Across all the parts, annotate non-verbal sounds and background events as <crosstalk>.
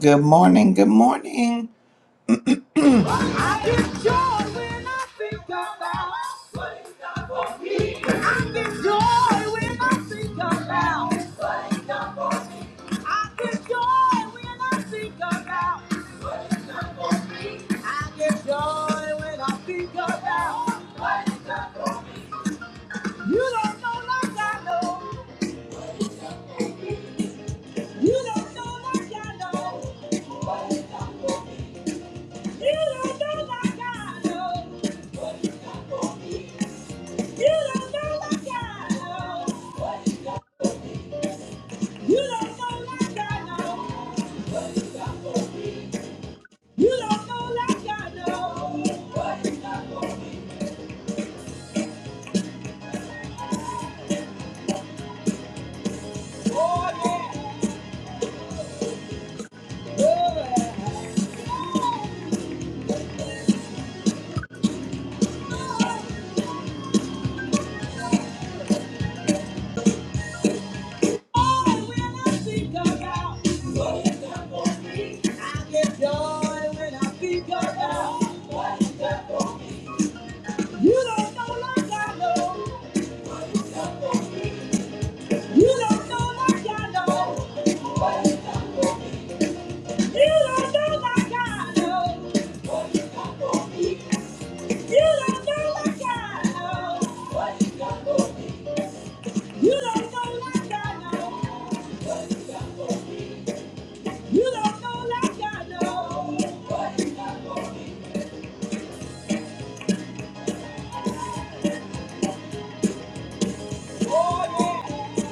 Good morning, good morning. I get joy when I think about what he's done for me. I get joy when I think about what he's done for me. I get joy when I think about what he's done for me. I get joy when I think about what he's done for me. You don't know like I know. You don't know like I know. You don't know like I know. You don't know like I know. You don't know like I know. You don't know like I know. Oh, yeah. Oh, yeah. Oh, when I think about what you done me, I get joy when I think about what you done me. You don't know like I know. You don't know like I know. You don't know like I know. You don't know like I know. You don't know like I know. You don't know like I know. Oh yeah,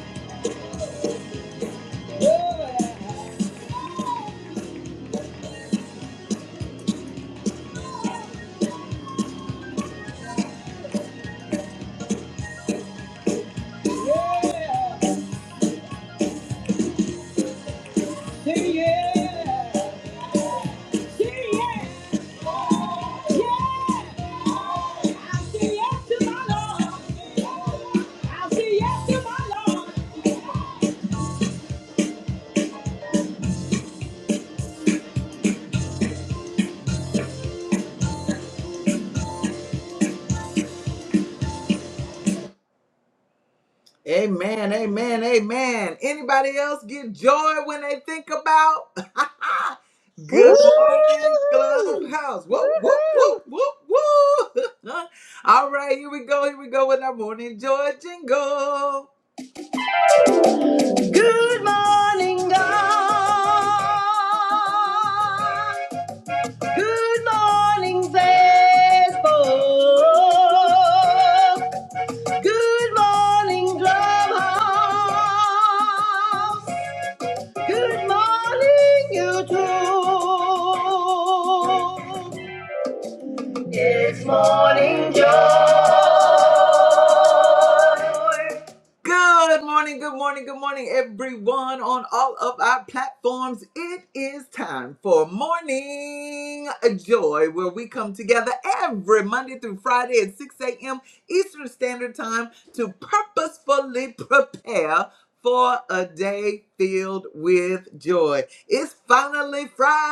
oh yeah, Oh, yeah, yeah. Amen, amen, amen. Anybody else get joy when they think about? <laughs> Woo! Good morning, Clubhouse. Whoop, whoop, Woo-hoo! whoop, whoop, whoop. <laughs> All right, here we go. Here we go with our morning joy jingle. Good morning, God. Good morning, Facebook. Good morning, Clubhouse. Good morning, YouTube. Good morning, Joe. Good morning, good morning, good morning, everyone on all of our platforms. It is time for Morning Joy, where we come together every Monday through Friday at 6 a.m. Eastern Standard Time to purposefully prepare for a day filled with joy. It's finally Friday,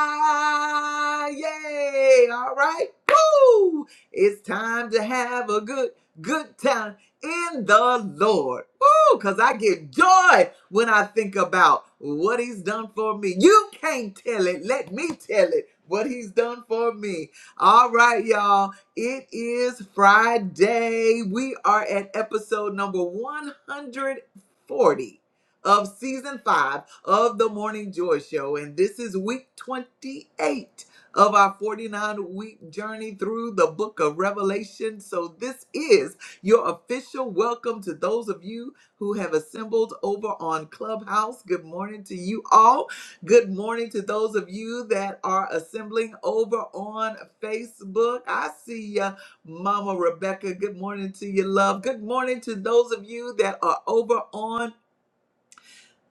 all right? Woo! It's time to have a good, good time in the Lord. Ooh, because I get joy when I think about what he's done for me. You can't tell it. Let me tell it what he's done for me. All right, y'all. It is Friday. We are at episode number 140 of season five of the Morning Joy Show. And this is week 28 of our 49 week journey through the book of Revelation. So this is. Your official welcome to those of you who have assembled over on Clubhouse. Good morning to you all. Good morning to those of you that are assembling over on Facebook. I see ya, Mama Rebecca. Good morning to you, love. Good morning to those of you that are over on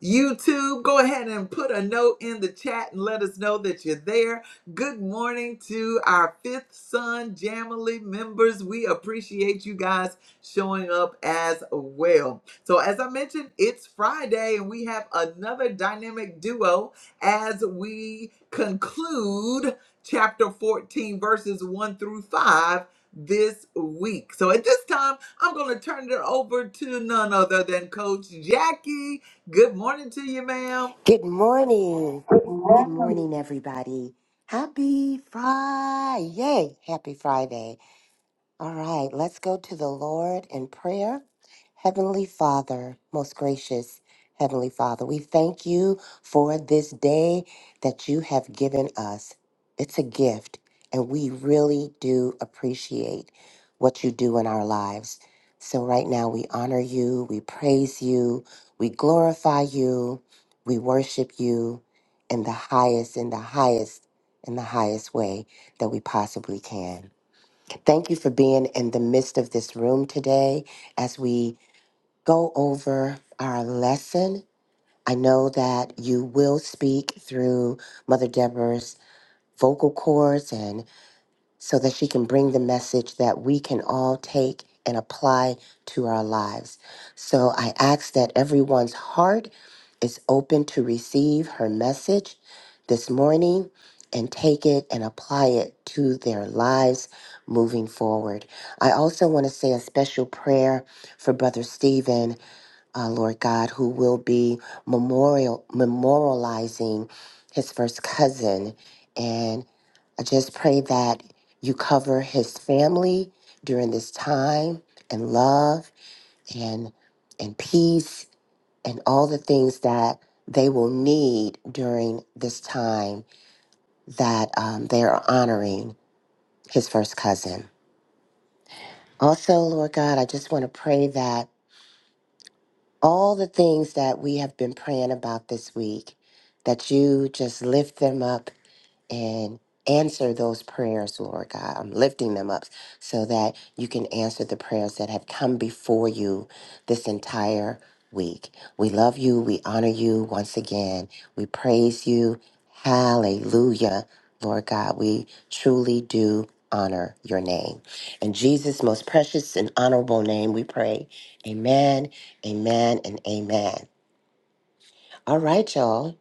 YouTube, go ahead and put a note in the chat and let us know that you're there. Good morning to our fifth son Jamily members. We appreciate you guys showing up as well. So, as I mentioned, it's Friday and we have another dynamic duo as we conclude chapter 14, verses 1 through 5 this week. So, at this time, I'm going to turn it over to none other than Coach Jackie. Good morning to you, ma'am. Good morning. Good morning, everybody. Happy Friday. Happy Friday. All right, let's go to the Lord in prayer. Heavenly Father, most gracious Heavenly Father, we thank you for this day that you have given us. It's a gift, and we really do appreciate what you do in our lives. So, right now, we honor you, we praise you, we glorify you, we worship you in the highest, in the highest, in the highest way that we possibly can. Thank you for being in the midst of this room today as we go over our lesson. I know that you will speak through Mother Deborah's vocal cords, and so that she can bring the message that we can all take and apply to our lives. So I ask that everyone's heart is open to receive her message this morning and take it and apply it to their lives moving forward. I also want to say a special prayer for Brother Stephen, uh, Lord God, who will be memorial memorializing his first cousin. And I just pray that you cover his family during this time and love and and peace and all the things that they will need during this time that um, they are honoring his first cousin. Also, Lord God, I just want to pray that all the things that we have been praying about this week, that you just lift them up and answer those prayers, Lord God. I'm lifting them up so that you can answer the prayers that have come before you this entire week. We love you. We honor you once again. We praise you. Hallelujah, Lord God. We truly do honor your name. In Jesus' most precious and honorable name, we pray. Amen, amen, and amen. All right, y'all.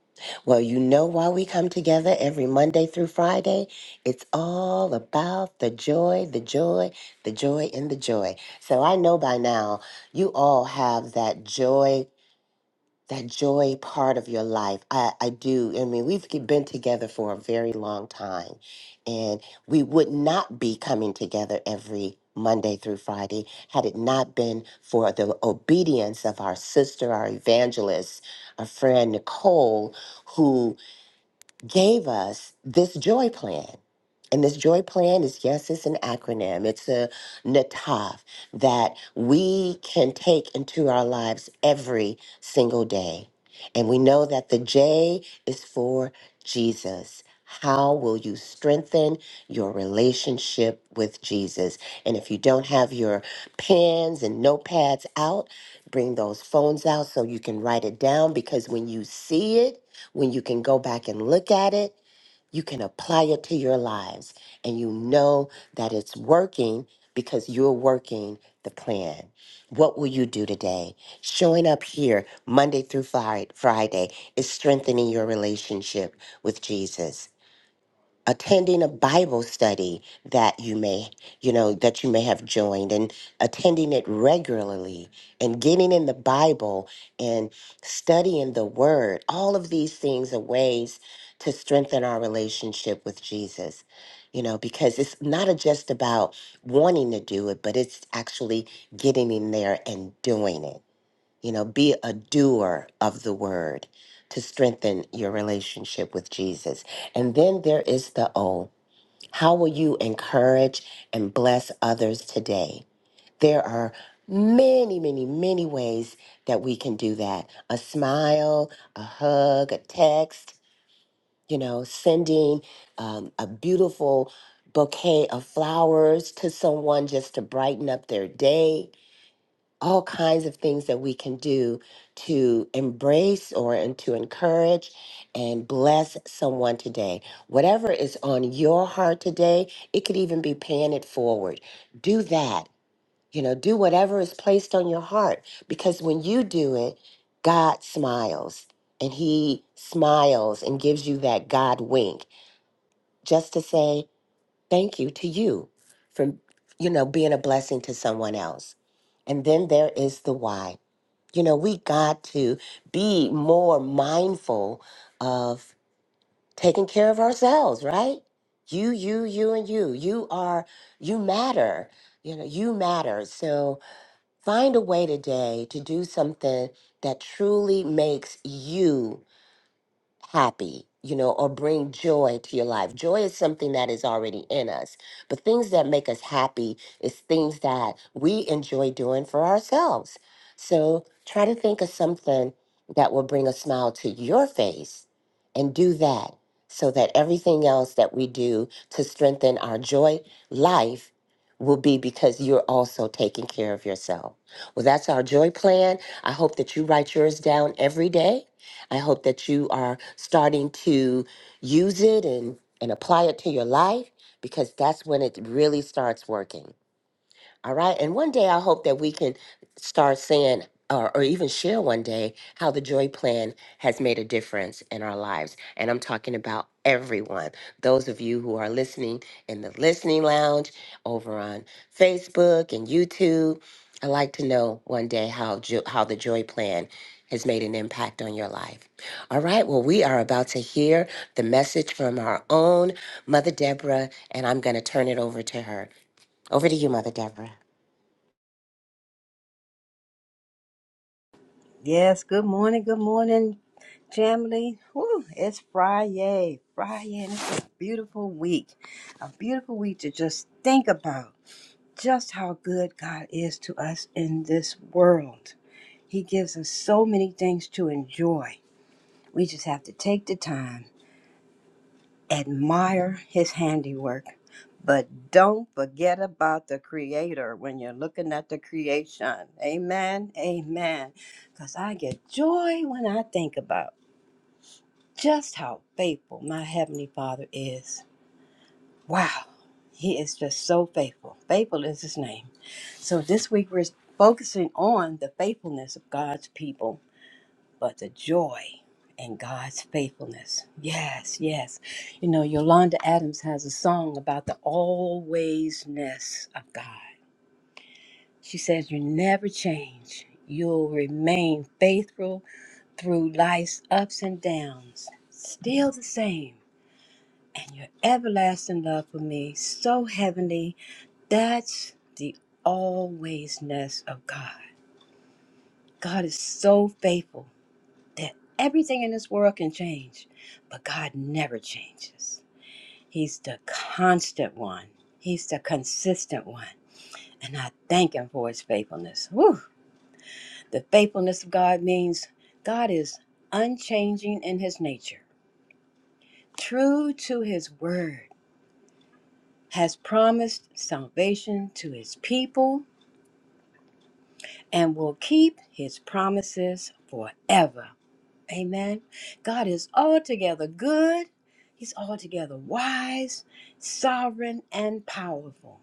Well, you know why we come together every Monday through Friday? It's all about the joy, the joy, the joy, and the joy. So I know by now you all have that joy that joy part of your life. I, I do. I mean, we've ke- been together for a very long time, and we would not be coming together every Monday through Friday had it not been for the obedience of our sister, our evangelist, our friend Nicole, who gave us this joy plan. And this joy plan is yes, it's an acronym, it's a NATAF that we can take into our lives every single day. And we know that the J is for Jesus. How will you strengthen your relationship with Jesus? And if you don't have your pens and notepads out, bring those phones out so you can write it down because when you see it, when you can go back and look at it, you can apply it to your lives and you know that it's working because you're working the plan. What will you do today? Showing up here Monday through Fri- Friday is strengthening your relationship with Jesus attending a Bible study that you may, you know, that you may have joined and attending it regularly and getting in the Bible and studying the word. All of these things are ways to strengthen our relationship with Jesus. You know, because it's not a- just about wanting to do it, but it's actually getting in there and doing it. You know, be a doer of the word to strengthen your relationship with Jesus. And then there is the O. How will you encourage and bless others today? There are many, many, many ways that we can do that. A smile, a hug, a text, you know, sending um, a beautiful bouquet of flowers to someone just to brighten up their day all kinds of things that we can do to embrace or and to encourage and bless someone today. Whatever is on your heart today, it could even be paying it forward. Do that. You know, do whatever is placed on your heart because when you do it, God smiles and he smiles and gives you that God wink just to say thank you to you for you know being a blessing to someone else. And then there is the why. You know, we got to be more mindful of taking care of ourselves, right? You, you, you, and you. You are, you matter. You know, you matter. So find a way today to do something that truly makes you happy, you know, or bring joy to your life. Joy is something that is already in us, but things that make us happy is things that we enjoy doing for ourselves. So try to think of something that will bring a smile to your face and do that so that everything else that we do to strengthen our joy life will be because you're also taking care of yourself. Well, that's our joy plan. I hope that you write yours down every day I hope that you are starting to use it and, and apply it to your life because that's when it really starts working. All right. And one day I hope that we can start saying, or, or even share one day, how the Joy Plan has made a difference in our lives. And I'm talking about everyone. Those of you who are listening in the listening lounge over on Facebook and YouTube, I'd like to know one day how, jo- how the Joy Plan has made an impact on your life. All right. Well, we are about to hear the message from our own Mother Deborah, and I'm going to turn it over to her. Over to you, Mother Deborah. Yes, good morning, good morning, family. Woo, it's Friday, Friday, and it's a beautiful week. A beautiful week to just think about just how good God is to us in this world. He gives us so many things to enjoy. We just have to take the time admire his handiwork, but don't forget about the creator when you're looking at the creation. Amen. Amen. Because I get joy when I think about just how faithful my Heavenly Father is. Wow. He is just so faithful. Faithful is his name. So this week we're focusing on the faithfulness of God's people but the joy and God's faithfulness. Yes, yes. You know, Yolanda Adams has a song about the alwaysness of God. She says, You never change, you'll remain faithful through life's ups and downs, still the same. And your everlasting love for me, so heavenly, that's the alwaysness of God. God is so faithful. that everything in this world can change, but God never changes. He's the constant one, He's the consistent one. And I thank Him for His faithfulness. Whew. The faithfulness of God means God is unchanging in His nature, true to His word, has promised salvation to His people, and will keep His promises forever. Amen. God is altogether good. He's altogether wise, sovereign, and powerful.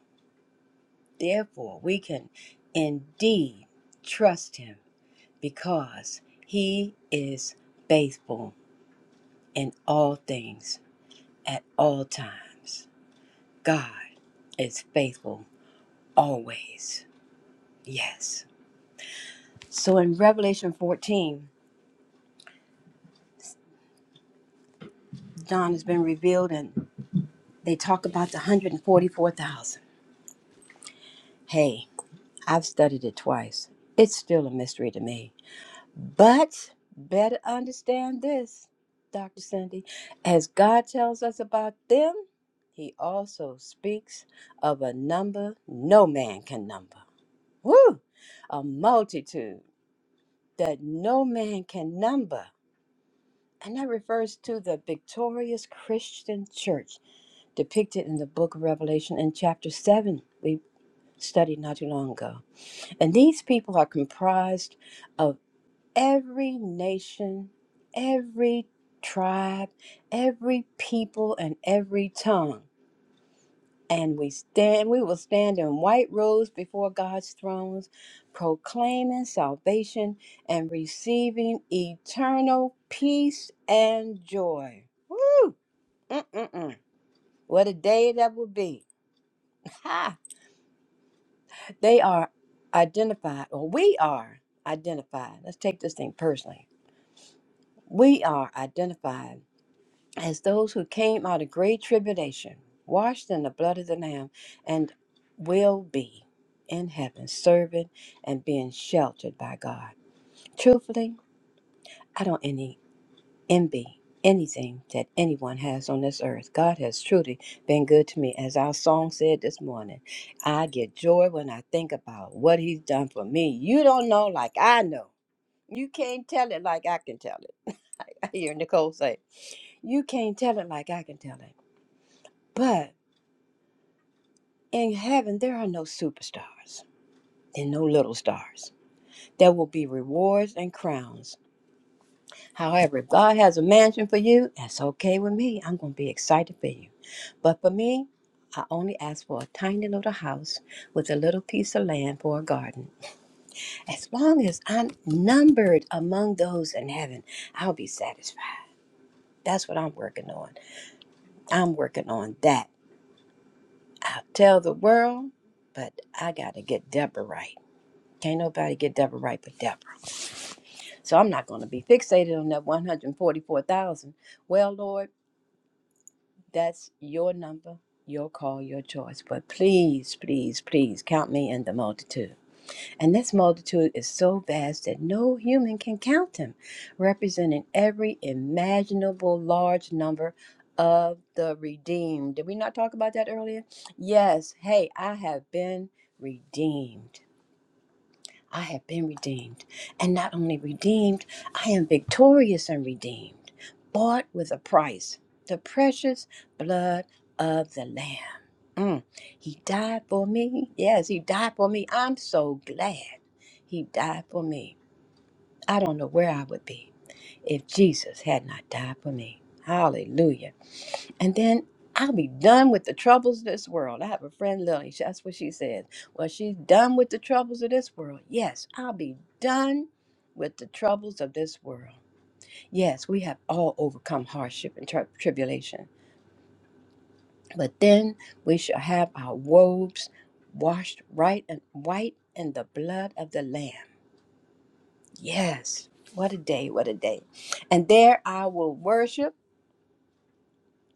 Therefore, we can indeed trust him because he is faithful in all things at all times. God is faithful always. Yes. So in Revelation 14, John has been revealed and they talk about the 144,000. Hey, I've studied it twice. It's still a mystery to me. But better understand this, Dr. Cindy. As God tells us about them, He also speaks of a number no man can number. Woo! A multitude that no man can number. And that refers to the victorious Christian church depicted in the book of Revelation in chapter 7. We studied not too long ago. And these people are comprised of every nation, every tribe, every people, and every tongue. And we stand, we will stand in white robes before God's thrones, proclaiming salvation and receiving eternal peace and joy. Woo! Mm-mm-mm. What a day that will be. <laughs> Ha! They are identified, or we are identified. Let's take this thing personally We are identified as those who came out of great tribulation, washed in the blood of the Lamb, and will be in heaven, serving and being sheltered by God. Truthfully, I don't any envy anything that anyone has on this earth. God has truly been good to me. As our song said this morning, I get joy when I think about what He's done for me. You don't know like I know. You can't tell it like I can tell it. <laughs> I hear Nicole say, You can't tell it like I can tell it. But in heaven, there are no superstars and no little stars. There will be rewards and crowns. However, if God has a mansion for you, that's okay with me. I'm going to be excited for you. But for me, I only ask for a tiny little house with a little piece of land for a garden. As long as I'm numbered among those in heaven, I'll be satisfied. That's what I'm working on. I'm working on that I'll tell the world, but I got to get Deborah right. Can't nobody get Deborah right but Deborah. So I'm not going to be fixated on that 144,000. Well, Lord, that's your number, your call, your choice. But please, please, please count me in the multitude. And this multitude is so vast that no human can count them, representing every imaginable large number of the redeemed. Did we not talk about that earlier? Yes. Hey, I have been redeemed. I have been redeemed. And not only redeemed, I am victorious and redeemed, bought with a price the precious blood of the Lamb. Mm. He died for me. Yes, He died for me. I'm so glad He died for me. I don't know where I would be if Jesus had not died for me. Hallelujah and then I'll be done with the troubles of this world. I have a friend, Lily. she- That's what she said. Well, she's done with the troubles of this world. Yes, I'll be done with the troubles of this world. Yes, we have all overcome hardship and tri- tribulation, but then we shall have our robes washed right and white in the blood of the Lamb. Yes, what a day! What a day! And there I will worship.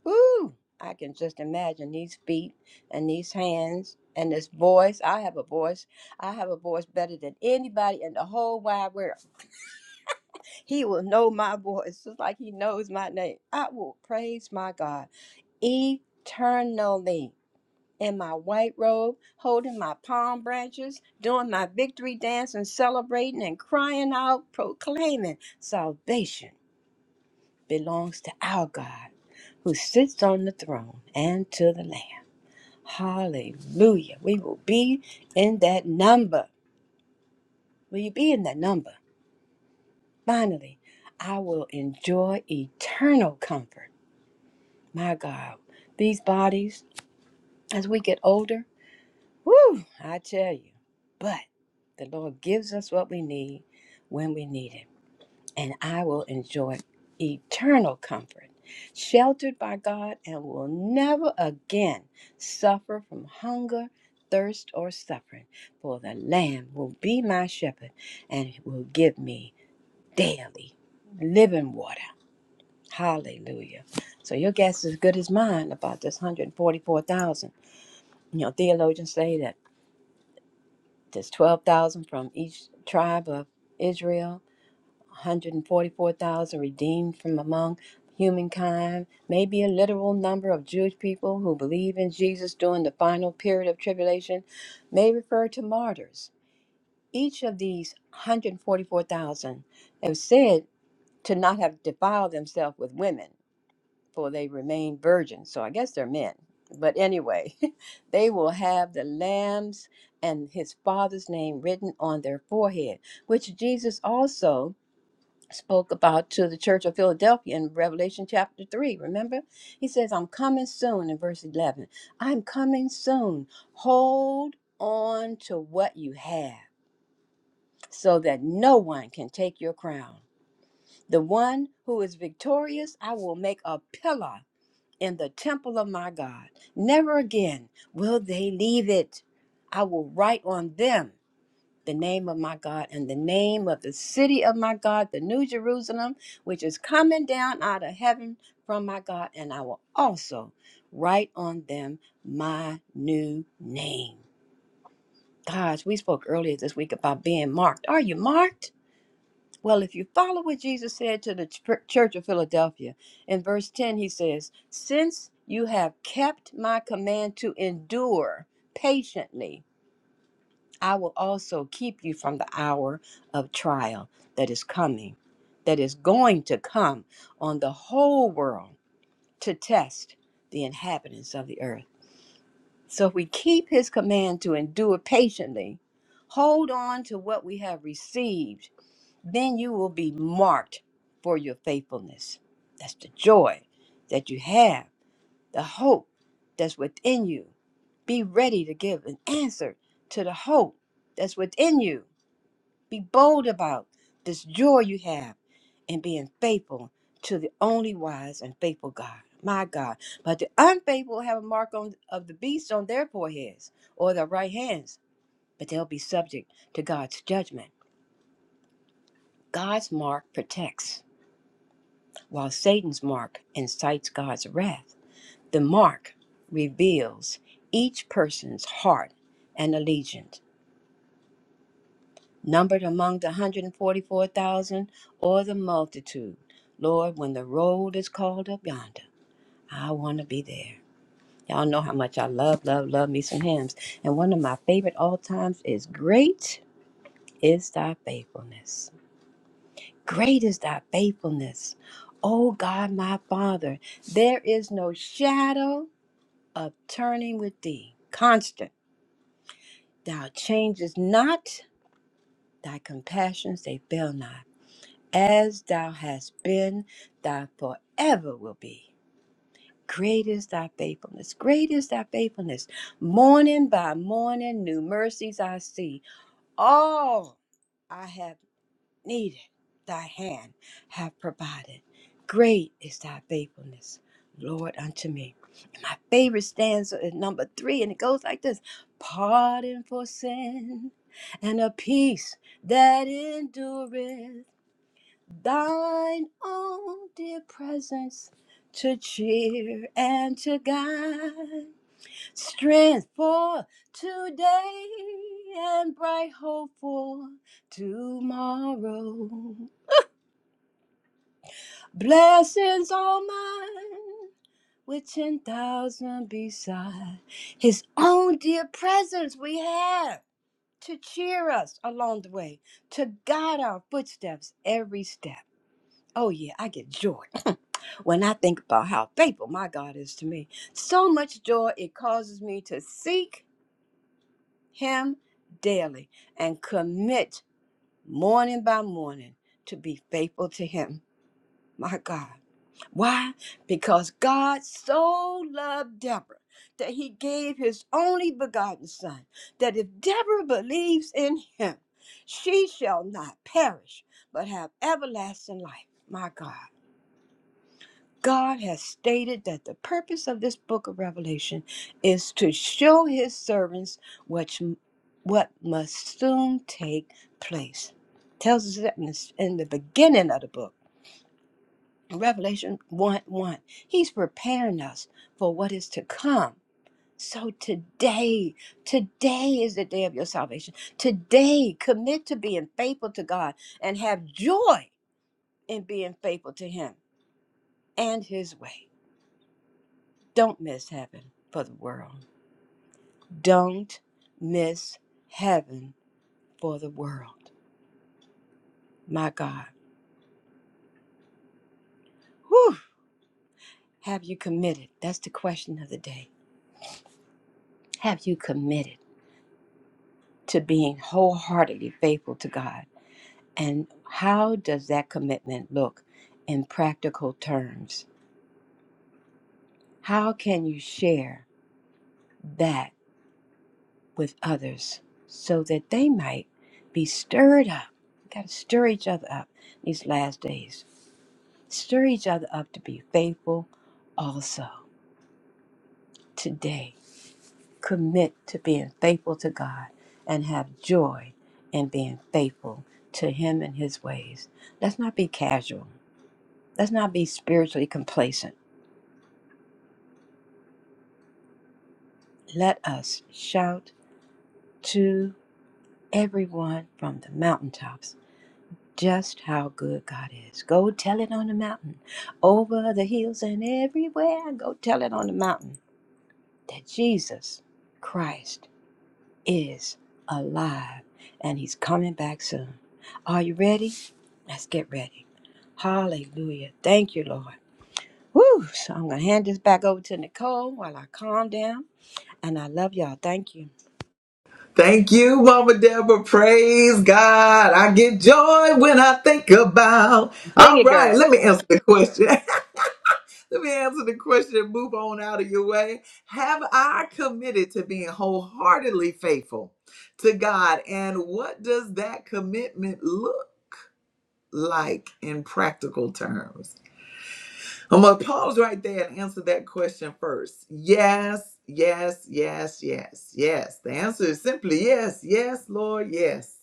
Woo! I can just imagine these feet and these hands and this voice. I have a voice. I have a voice better than anybody in the whole wide world. He will know my voice just like he knows my name. I will praise my God eternally in my white robe, holding my palm branches, doing my victory dance and celebrating and crying out, proclaiming salvation belongs to our God who sits on the throne and to the Lamb. Hallelujah. We will be in that number. Will you be in that number? Finally, I will enjoy eternal comfort. My God, these bodies, as we get older, whoo, I tell you. But the Lord gives us what we need when we need it. and I will enjoy eternal comfort, sheltered by God, and will never again suffer from hunger, thirst, or suffering. For the Lamb will be my shepherd and will give me daily living water. Hallelujah. So your guess is as good as mine about this 144,000. You know, theologians say that there's 12,000 from each tribe of Israel 144,000 redeemed from among humankind, may be a literal number of Jewish people who believe in Jesus during the final period of tribulation, may refer to martyrs. Each of these 144,000 is said to not have defiled themselves with women, for they remain virgins. So I guess they're men. But anyway, <laughs> they will have the lamb's and his father's name written on their forehead, which Jesus also spoke about to the church of Philadelphia in Revelation chapter 3. Remember? He says, I'm coming soon in verse 11. I'm coming soon. Hold on to what you have so that no one can take your crown. The one who is victorious, I will make a pillar in the temple of my God. Never again will they leave it. I will write on them the name of my God and the name of the city of my God, the New Jerusalem, which is coming down out of heaven from my God. And I will also write on them my new name. Guys, we spoke earlier this week about being marked. Are you marked? Well, if you follow what Jesus said to the ch- church of Philadelphia, in verse 10, he says, Since you have kept my command to endure patiently, I will also keep you from the hour of trial that is coming, that is going to come on the whole world to test the inhabitants of the earth. So if we keep his command to endure patiently, hold on to what we have received, then you will be marked for your faithfulness. That's the joy that you have, the hope that's within you. Be ready to give an answer to the hope that's within you be bold about this joy you have in being faithful to the only wise and faithful God. My God. But the unfaithful have a mark on, of the beast on their foreheads or their right hands, but they'll be subject to God's judgment. God's mark protects, while Satan's mark incites God's wrath. The mark reveals each person's heart and allegiance. numbered among the 144,000 or the multitude. Lord, when the road is called up yonder, I want to be there. Y'all know how much I love, love, love me some hymns. And one of my favorite all times is Great is Thy Faithfulness. Great is Thy Faithfulness. O God, my Father, there is no shadow of turning with Thee. Constant, Thou changest not, Thy compassions, they fail not. As thou hast been, thou forever will be. Great is thy faithfulness. Great is thy faithfulness. Morning by morning, new mercies I see. All I have needed, thy hand have provided. Great is thy faithfulness, Lord, unto me. And my favorite stanza is number three, and it goes like this Pardon for sin and a peace that endureth. Thine own dear presence to cheer and to guide, strength for today and bright hope for tomorrow. Blessings all mine with 10,000 beside. His own dear presence we have to cheer us along the way, to guide our footsteps every step. Oh, yeah, I get joy <laughs> <clears throat> when I think about how faithful my God is to me. So much joy it causes me to seek Him daily and commit morning by morning to be faithful to Him. My God. Why? Because God so loved Deborah that He gave His only begotten Son, that if Deborah believes in Him, she shall not perish but have everlasting life. My God. God has stated that the purpose of this book of Revelation is to show his servants what, what must soon take place. Tells us that in the, in the beginning of the book, Revelation 1 1. He's preparing us for what is to come. So today, today is the day of your salvation. Today, commit to being faithful to God and have joy in being faithful to Him and His way. Don't miss heaven for the world. Don't miss heaven for the world. My God. Whew. Have you committed? That's the question of the day. Have you committed to being wholeheartedly faithful to God? And how does that commitment look in practical terms? How can you share that with others so that they might be stirred up? Got to stir each other up these last days Stir each other up to be faithful also today. Commit to being faithful to God and have joy in being faithful to Him and His ways. Let's not be casual. Let's not be spiritually complacent. Let us shout to everyone from the mountaintops just how good God is. Go tell it on the mountain, over the hills and everywhere. Go tell it on the mountain that Jesus Christ is alive and he's coming back soon. Are you ready? Let's get ready. Hallelujah. Thank you, Lord. Woo! So I'm going to hand this back over to Nicole while I calm down. And I love y'all. Thank you. Thank you, Mama Deborah. Praise God. I get joy when I think about. Sing All it, right, girl. let me answer the question. <laughs> let me answer the question and move on out of your way. Have I committed to being wholeheartedly faithful to God? And what does that commitment look like in practical terms? I'm gonna pause right there and answer that question first. Yes, yes, yes, yes, yes. The answer is simply yes, yes, Lord, yes,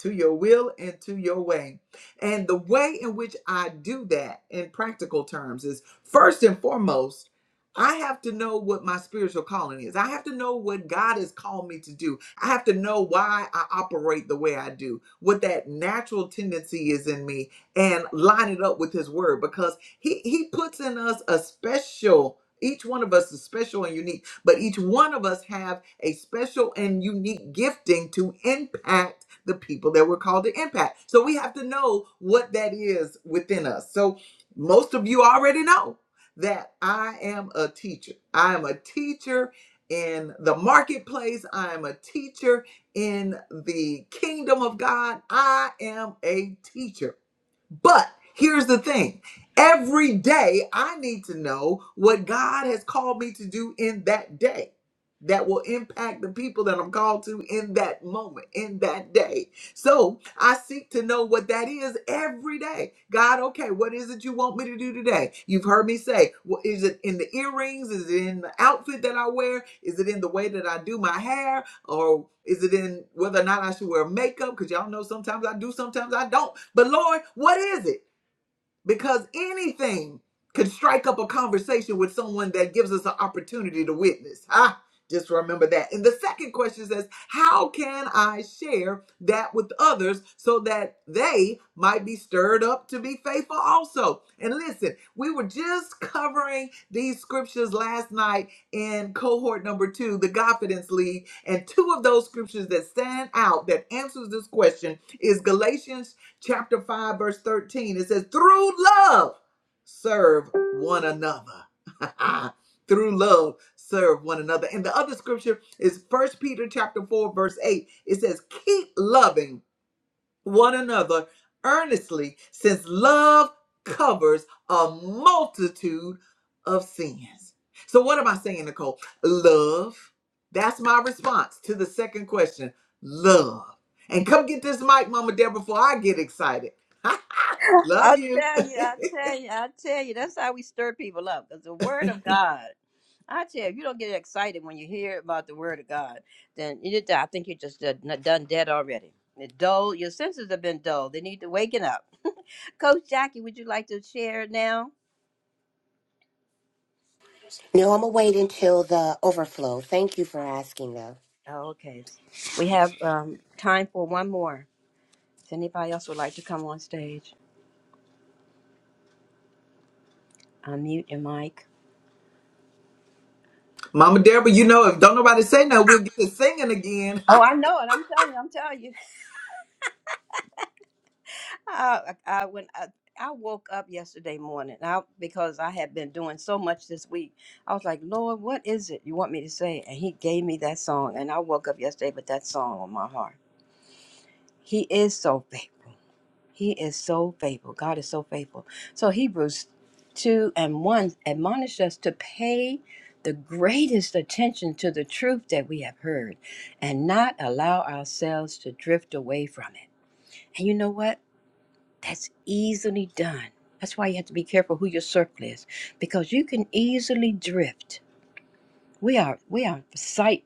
to your will and to your way. And the way in which I do that in practical terms is first and foremost, I have to know what my spiritual calling is. I have to know what God has called me to do. I have to know why I operate the way I do, what that natural tendency is in me, and line it up with His word because. He he puts in us a special. Each one of us is special and unique, but each one of us have a special and unique gifting to impact the people that we're called to impact. So we have to know what that is within us. So most of you already know that I am a teacher. I am a teacher in the marketplace. I am a teacher in the kingdom of God. I am a teacher. But here's the thing every day I need to know what God has called me to do in that day that will impact the people that I'm called to in that moment, in that day. So I seek to know what that is every day. God, okay, what is it you want me to do today? You've heard me say, well, is it in the earrings? Is it in the outfit that I wear? Is it in the way that I do my hair? or is it in whether or not I should wear makeup? Because y'all know sometimes I do, sometimes I don't. But Lord, what is it? because anything could strike up a conversation with someone that gives us an opportunity to witness. Ah, just remember that. And the second question says, How can I share that with others so that they might be stirred up to be faithful also? And listen, we were just covering these scriptures last night in cohort number two, the Confidence League. And two of those scriptures that stand out that answers this question is Galatians chapter 5, verse 13. It says, Through love, serve one another. <laughs> Through love, serve one another. And the other scripture is First Peter chapter 4, verse 8. It says, Keep loving one another earnestly, since love covers a multitude of sins. So, what am I saying, Nicole? Love. That's my response to the second question love. And come get this mic, Mama Deborah, before I get excited. <laughs> love I you. tell you, I tell you, I tell you, that's how we stir people up. Because the word of God, I tell you, if you don't get excited when you hear about the word of God, then you, I think you're just done done dead already. they dull, your senses have been dull. They need to waken up. Coach Jackie, would you like to share now? No, I'm gonna wait until the overflow. Thank you for asking, though. Oh, okay. We have um, time for one more. If anybody else would like to come on stage, unmute your mic. <laughs> Mama Deborah, you know, if don't nobody say no, we'll get to singing again. Oh, I know it. I'm telling you. I'm telling you. <laughs> I, I, when I, I woke up yesterday morning, I, because I had been doing so much this week, I was like, Lord, what is it you want me to say? And He gave me that song, and I woke up yesterday with that song on my heart. He is so <laughs> faithful. He is so faithful. God is so faithful. So Hebrews 2 and 1 admonish us to pay the greatest attention to the truth that we have heard and not allow ourselves to drift away from it. And you know what? That's easily done. That's why you have to be careful who your circle is because you can easily drift. We are we are sight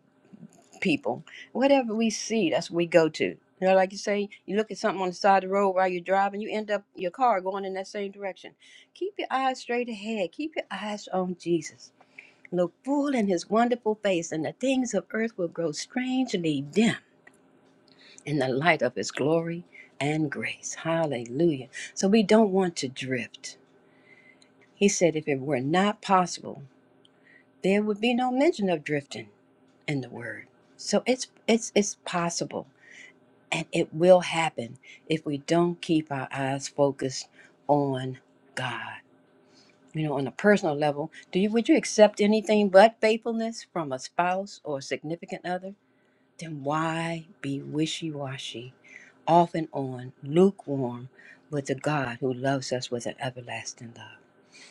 people. Whatever we see, that's what we go to. You know, like you say, you look at something on the side of the road while you're driving, you end up your car going in that same direction. Keep your eyes straight ahead. Keep your eyes on Jesus. Look full in his wonderful face, and the things of earth will grow strangely dim in the light of his glory and grace. Hallelujah. So we don't want to drift. He said, if it were not possible, there would be no mention of drifting in the word. So it's it's it's possible And it will happen if we don't keep our eyes focused on God. You know, on a personal level, do you would you accept anything but faithfulness from a spouse or significant other? Then why be wishy-washy, off and on, lukewarm with the God who loves us with an everlasting love?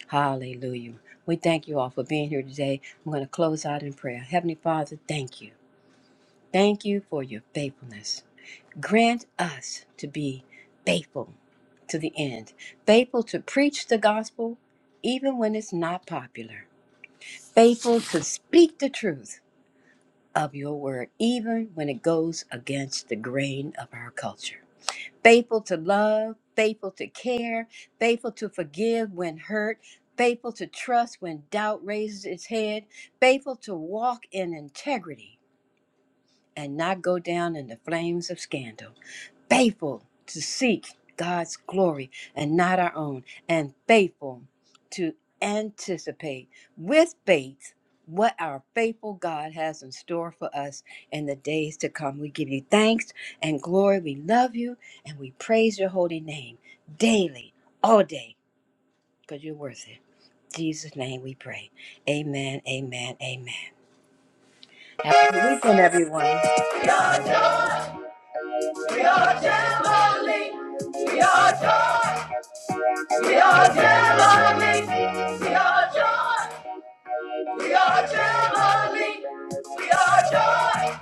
Hallelujah. We thank you all for being here today. I'm going to close out in prayer. Heavenly Father, thank you. Thank you for your faithfulness. Grant us to be faithful to the end, faithful to preach the gospel even when it's not popular, faithful to speak the truth of your word even when it goes against the grain of our culture, faithful to love, faithful to care, faithful to forgive when hurt. Faithful to trust when doubt raises its head, faithful to walk in integrity and not go down in the flames of scandal faithful to seek God's glory and not our own, and faithful to anticipate with faith what our faithful God has in store for us in the days to come. We give you thanks and glory. We love you and we praise your holy name daily, all day, because you're worth it. In Jesus' name we pray. Amen, amen, amen. Have a good weekend, everyone. <laughs> We are joy. We are Jamboree. We are joy. We are Jamaline. We are joy. We are Jamaline. We are joy.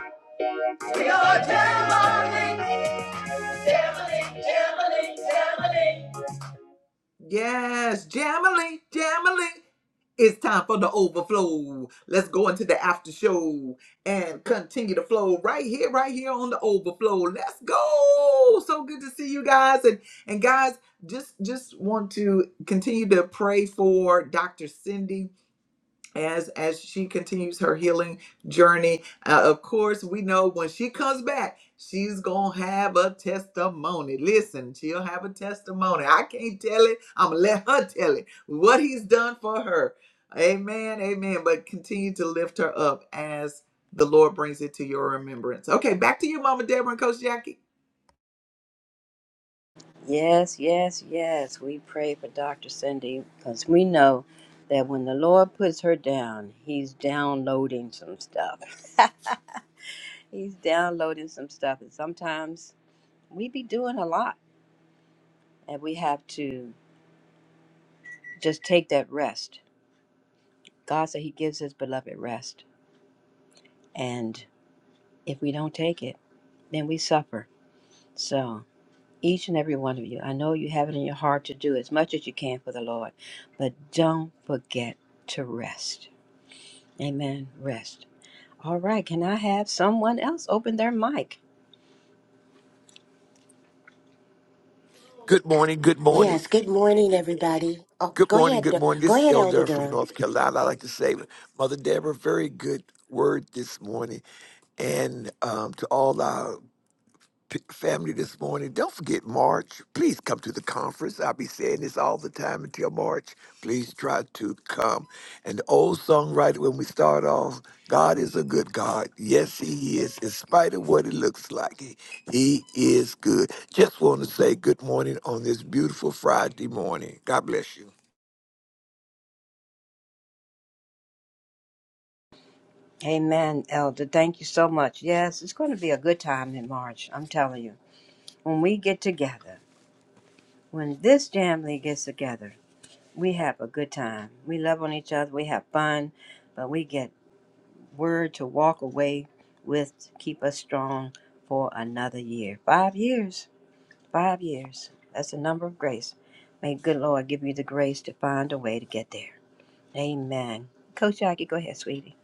We are Jamaline. Jamaline, Jamaline, Jamaline. Yes, Jamily, Jamily. It's time for the overflow. Let's go into the after show and continue to flow right here, right here on the overflow. Let's go. So good to see you guys. And and guys, just just want to continue to pray for Dr. Cindy as as she continues her healing journey Uh, of course we know when she comes back she's gonna have a testimony listen she'll have a testimony i can't tell it i'm gonna let her <laughs> tell it what he's done for her amen amen but continue to lift her up as the lord brings it to your remembrance okay back to you mama deborah and coach jackie Yes, yes, yes. We pray for Dr. Cindy because we know that when the Lord puts her down, He's downloading some stuff. <laughs> he's downloading some stuff. And sometimes we be doing a lot and we have to just take that rest. God said He gives His beloved rest. And if we don't take it, then we suffer. So, each and every one of you, I know you have it in your heart to do as much as you can for the Lord, but don't forget to rest Amen. Rest. All right. Can I have someone else open their mic? Good morning, good morning. Yes. Good morning, everybody. Oh, Good go morning, ahead. good Dur- morning. Go This is ahead, Elder Elder from Durham. North Carolina. I'd like to say, Mother Deborah, very good word this morning. And um, to all our p- family this morning. Don't forget March. Please come to the conference. I'll be saying this all the time until March. Please try to come. And the old songwriter, when we start off, God is a good God. Yes, He is, in spite of what it looks like. He, he is good. Just want to say good morning on this beautiful Friday morning. God bless you. Amen, Elder. Thank you so much. Yes, it's going to be a good time in March. I'm telling you. When we get together, when this family gets together, we have a good time. We love on each other. We have fun, but we get word to walk away with to keep us strong for another year. Five years. Five years. That's the number of grace. May good Lord give you the grace to find a way to get there. Amen. Coach Jackie, go ahead, sweetie.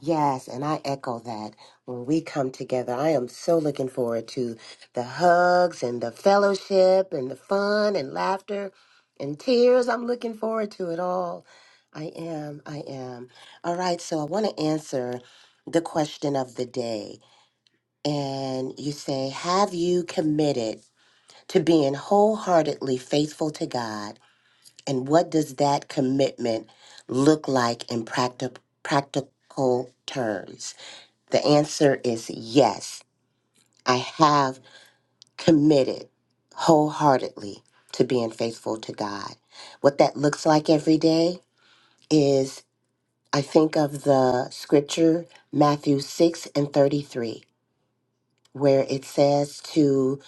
Yes, and I echo that. When we come together, I am so looking forward to the hugs and the fellowship and the fun and laughter and tears. I'm looking forward to it all. I am. I am. All right. So I want to answer the question of the day, and you say, "Have you committed?" to being wholeheartedly faithful to God. And what does that commitment look like in practi- practical terms? The answer is yes. I have committed wholeheartedly to being faithful to God. What that looks like every day is I think of the scripture, Matthew 6 and 33, where it says to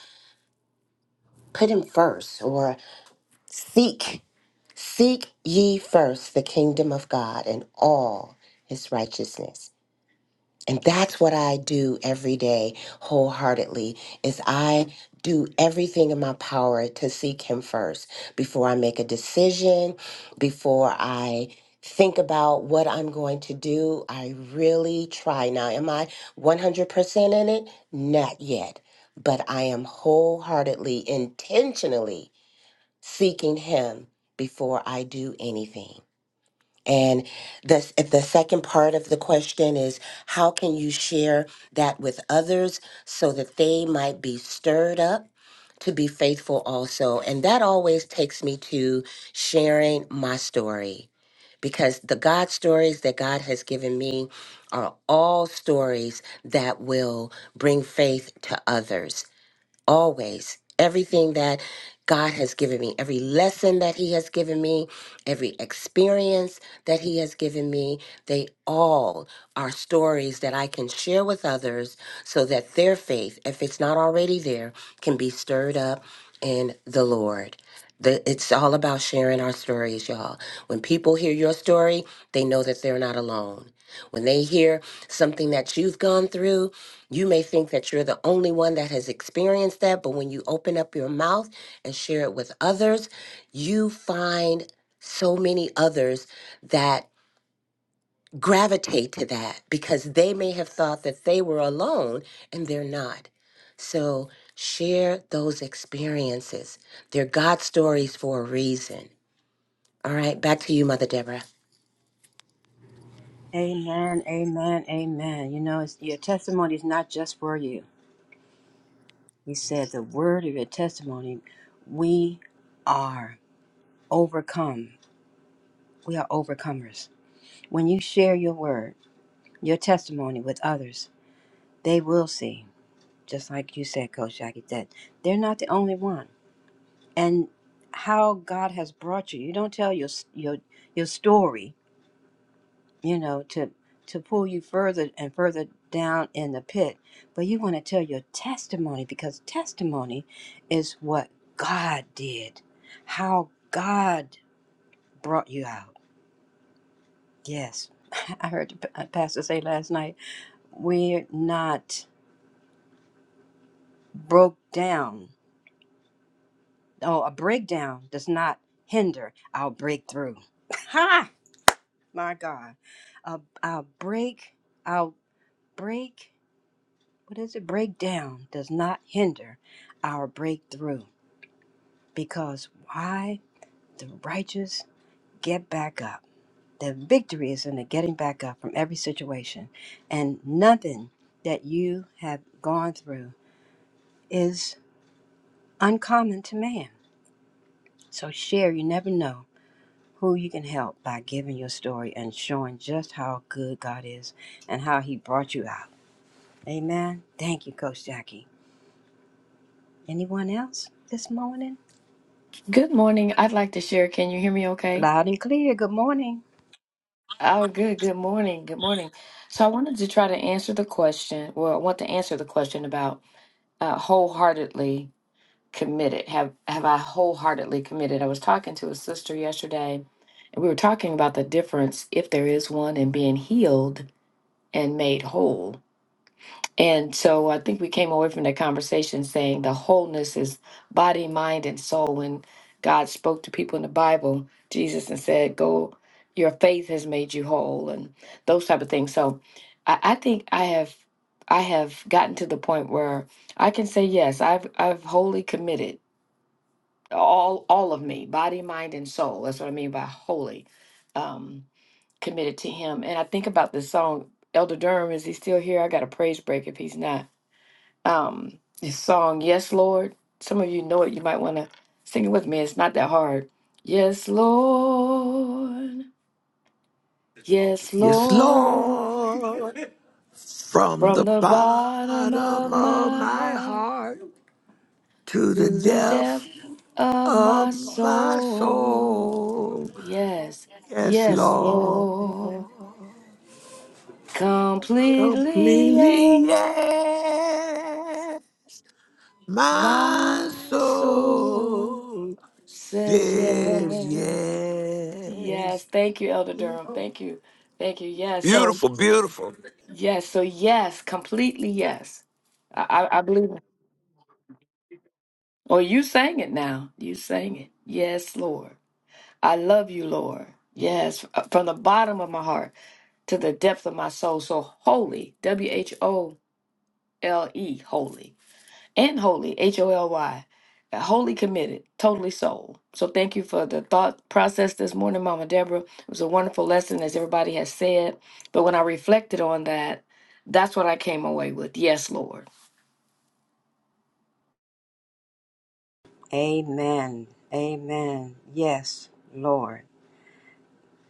put Him first or seek. Seek ye first the kingdom of God and all his righteousness. And that's what I do every day wholeheartedly is I do everything in my power to seek him first before I make a decision, before I think about what I'm going to do. I really try. Now, am I 100% in it? Not yet. But I am wholeheartedly, intentionally seeking him before I do anything. And the, if the second part of the question is how can you share that with others so that they might be stirred up to be faithful also? And that always takes me to sharing my story because the God stories that God has given me are all stories that will bring faith to others always everything that God has given me, every lesson that He has given me, every experience that He has given me, they all are stories that I can share with others so that their faith, if it's not already there, can be stirred up in the Lord. The, it's all about sharing our stories, y'all. When people hear your story, they know that they're not alone. When they hear something that you've gone through, you may think that you're the only one that has experienced that, but when you open up your mouth and share it with others, you find so many others that gravitate to that because they may have thought that they were alone and they're not. So share those experiences. They're God stories for a reason. All right, back to you, Mother Deborah. Amen, amen, amen. You know, it's, your testimony is not just for you. He said, the word of your testimony, we are overcome. We are overcomers. When you share your word, your testimony with others, they will see, just like you said, Coach Jackie, that they're not the only one. And how God has brought you. You don't tell your your your story you know, to to pull you further and further down in the pit. But you want to tell your testimony because testimony is what God did, how God brought you out. Yes, <laughs> I heard the pa- uh, pastor say last night, we're not broke down. Oh, a breakdown does not hinder our breakthrough. <laughs> Ha! My God, a, our break, our break. what is it? Breakdown does not hinder our breakthrough because why? The righteous get back up. The victory is in the getting back up from every situation. And nothing that you have gone through is uncommon to man. So share, you never know who you can help by giving your story and showing just how good God is and how he brought you out. Amen. Thank you, Coach Jackie. Anyone else this morning? Good morning. I'd like to share. Can you hear me okay? Loud and clear. Good morning. Oh, good. Good morning. Good morning. So, I wanted to try to answer the question. Well, I want to answer the question about uh, wholeheartedly committed. Have have I wholeheartedly committed? I was talking to a sister yesterday, and we were talking about the difference, if there is one, in being healed and made whole And so I think we came away from that conversation saying the wholeness is body, mind, and soul. When God spoke to people in the Bible, Jesus, and said, Go, your faith has made you whole, and those type of things. So I, I think I have. I have gotten to the point where I can say yes. I've I've wholly committed all all of me, body, mind, and soul. That's what I mean by wholly um, committed to Him. And I think about this song, Elder Durham. Is he still here? I got a praise break if he's not um, his song, Yes, Lord. Some of you know it. You might want to sing it with me. It's not that hard. Yes, Lord. Yes, Yes, Lord. Lord, from the From the bottom bottom of of my my heart heart to the to the depth depth of my of my soul. soul. Yes, Yes, yes, Lord, Lord. Completely yes. completely, yeah. My My soul soul says says yes. Yes. yes. Thank you, Elder Durham. Thank you. Thank you. Yes. So, Beautiful, beautiful. yes. So, yes. Completely yes. I, I, I believe it. Well, you sang it now. You sang it. Yes, Lord. I love you, Lord. Yes. Uh, From the bottom of my heart to the depth of my soul. So holy. W H O L E. holy. and holy, H O L Y, uh, wholly committed, totally sold. So thank you for the thought process this morning, Mama Deborah. It was a wonderful lesson, as everybody has said. But when I reflected on that, that's what I came away with. Yes, Lord. Amen. Amen. Yes, Lord.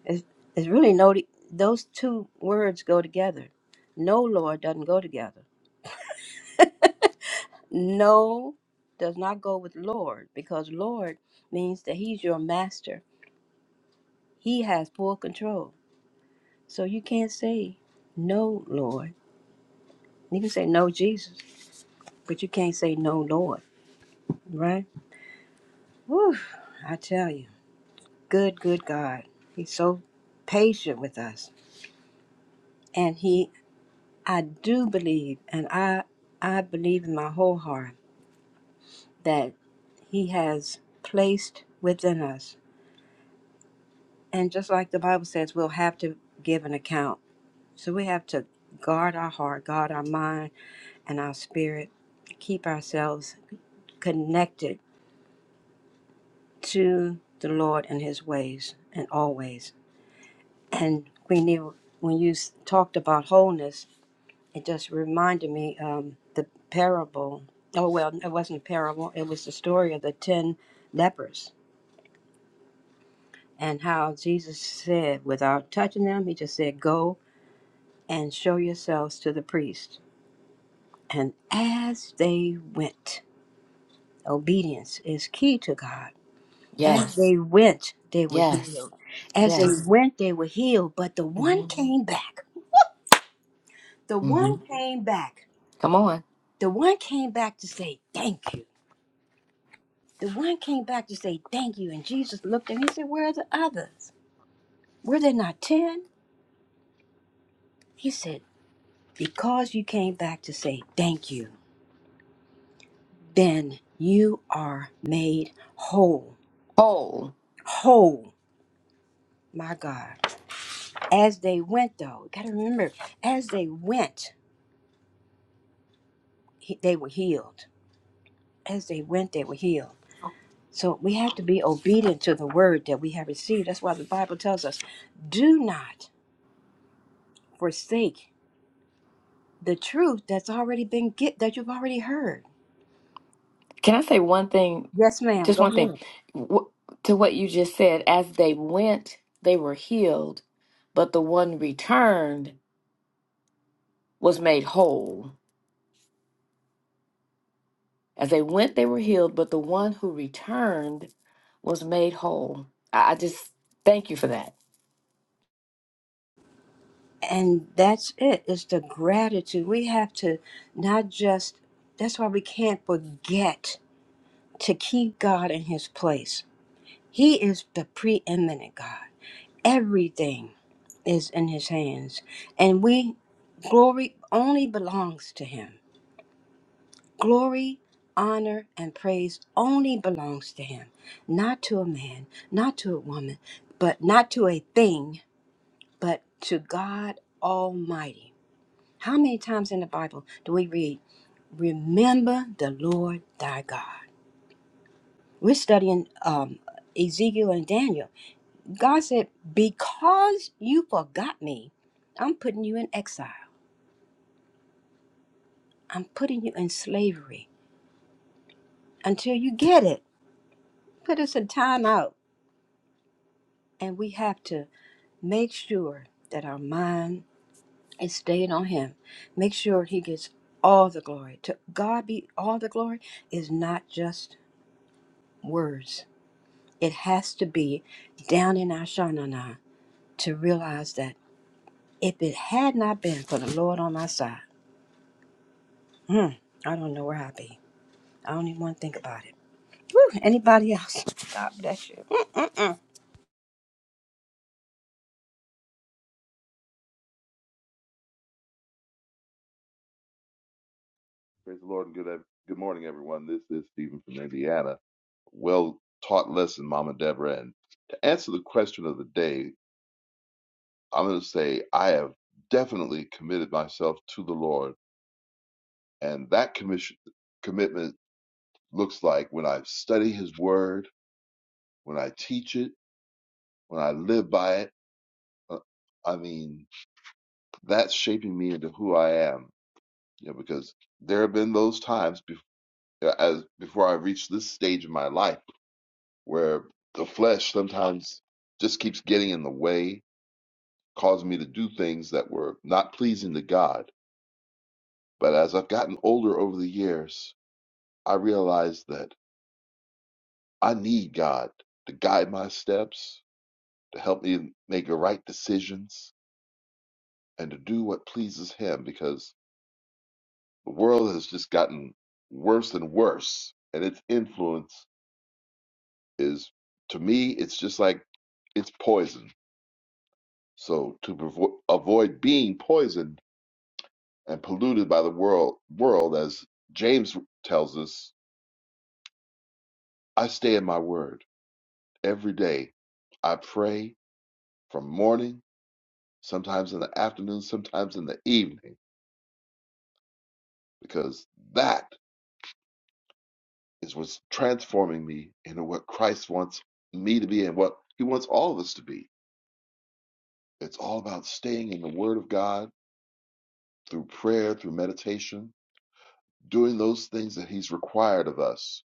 It's, it's really no, those two words go together. No, Lord doesn't go together. No does not go with Lord because Lord means that He's your master, He has full control. So you can't say no, Lord. You can say no, Jesus, but you can't say no, Lord, right? Whew, I tell you, good, good God. He's so patient with us and he i do believe and i i believe in my whole heart that he has placed within us and just like the bible says we'll have to give an account so we have to guard our heart guard our mind and our spirit keep ourselves connected to the lord and his ways and always and queen Eva, when you s- talked about wholeness it just reminded me um the parable oh well it wasn't a parable it was the story of the ten lepers and how jesus said without touching them he just said go and show yourselves to the priest and as they went obedience is key to god as Yes, they went they were yes, healed as they yes. went they were healed but the one hmm came back the hmm one came back Come on. the one came back to say thank you The one came back to say thank you, and Jesus looked at him. He said, Where are the others? Were there not ten? He said, Because you came back to say thank you, then you are made whole. Whole. Whole, my God. As they went, though, gotta remember, as they went, he- they were healed. As they went, they were healed. So we have to be obedient to the word that we have received. That's why the Bible tells us do not forsake. the truth that's already been get that you've already heard. Can I say one thing? Yes, ma'am. Just Go one thing. ahead. Wh- to what you just said, as they went, they were healed, but the one returned was made whole. As they went, they were healed, but the one who returned was made whole. I, I just thank you for that. And that's it. It's the gratitude. We have to not just that's why we can't forget to keep God in his place. He is the preeminent God. Everything is in his hands. And we glory only belongs to him. Glory, honor, and praise only belongs to him, not to a man, not to a woman, but not to a thing, but to God Almighty. How many times in the Bible do we read, Remember the Lord thy God? We're studying um, Ezekiel and Daniel. God said, Because you forgot me, I'm putting you in exile, I'm putting you in slavery until you get it. Put us in time out. And we have to make sure that our mind is stayed on Him. Make sure He gets all the glory. To God be all the glory is not just words, it has to be down in our shanana to realize that if it had not been for the Lord on my side, hmm, I don't know where I'd be. I don't even want to think about it. Whew, anybody else? <laughs> God bless you. Praise the Lord and good good morning, everyone. This is Stephen from Indiana. Well taught lesson, Mama Deborah. And to answer the question of the day, I'm going to say I have definitely committed myself to the Lord, and that commission commitment looks like when I study His Word, when I teach it, when I live by it. Uh, I mean, that's shaping me into who I am. You know, because there have been those times before, as before I reached this stage in my life where the flesh sometimes just keeps getting in the way, causing me to do things that were not pleasing to God. But as I've gotten older over the years, I realized that I need God to guide my steps, to help me make the right decisions, and to do what pleases Him because the world has just gotten worse and worse, and its influence is, to me, it's just like it's poison. So to provo- avoid being poisoned, and polluted by the world world as James tells us, I stay in my word every day. I pray from morning, sometimes in the afternoon, sometimes in the evening, because that is what's transforming me into what Christ wants me to be and what he wants all of us to be. It's all about staying in the word of God through prayer, through meditation, doing those things that he's required of us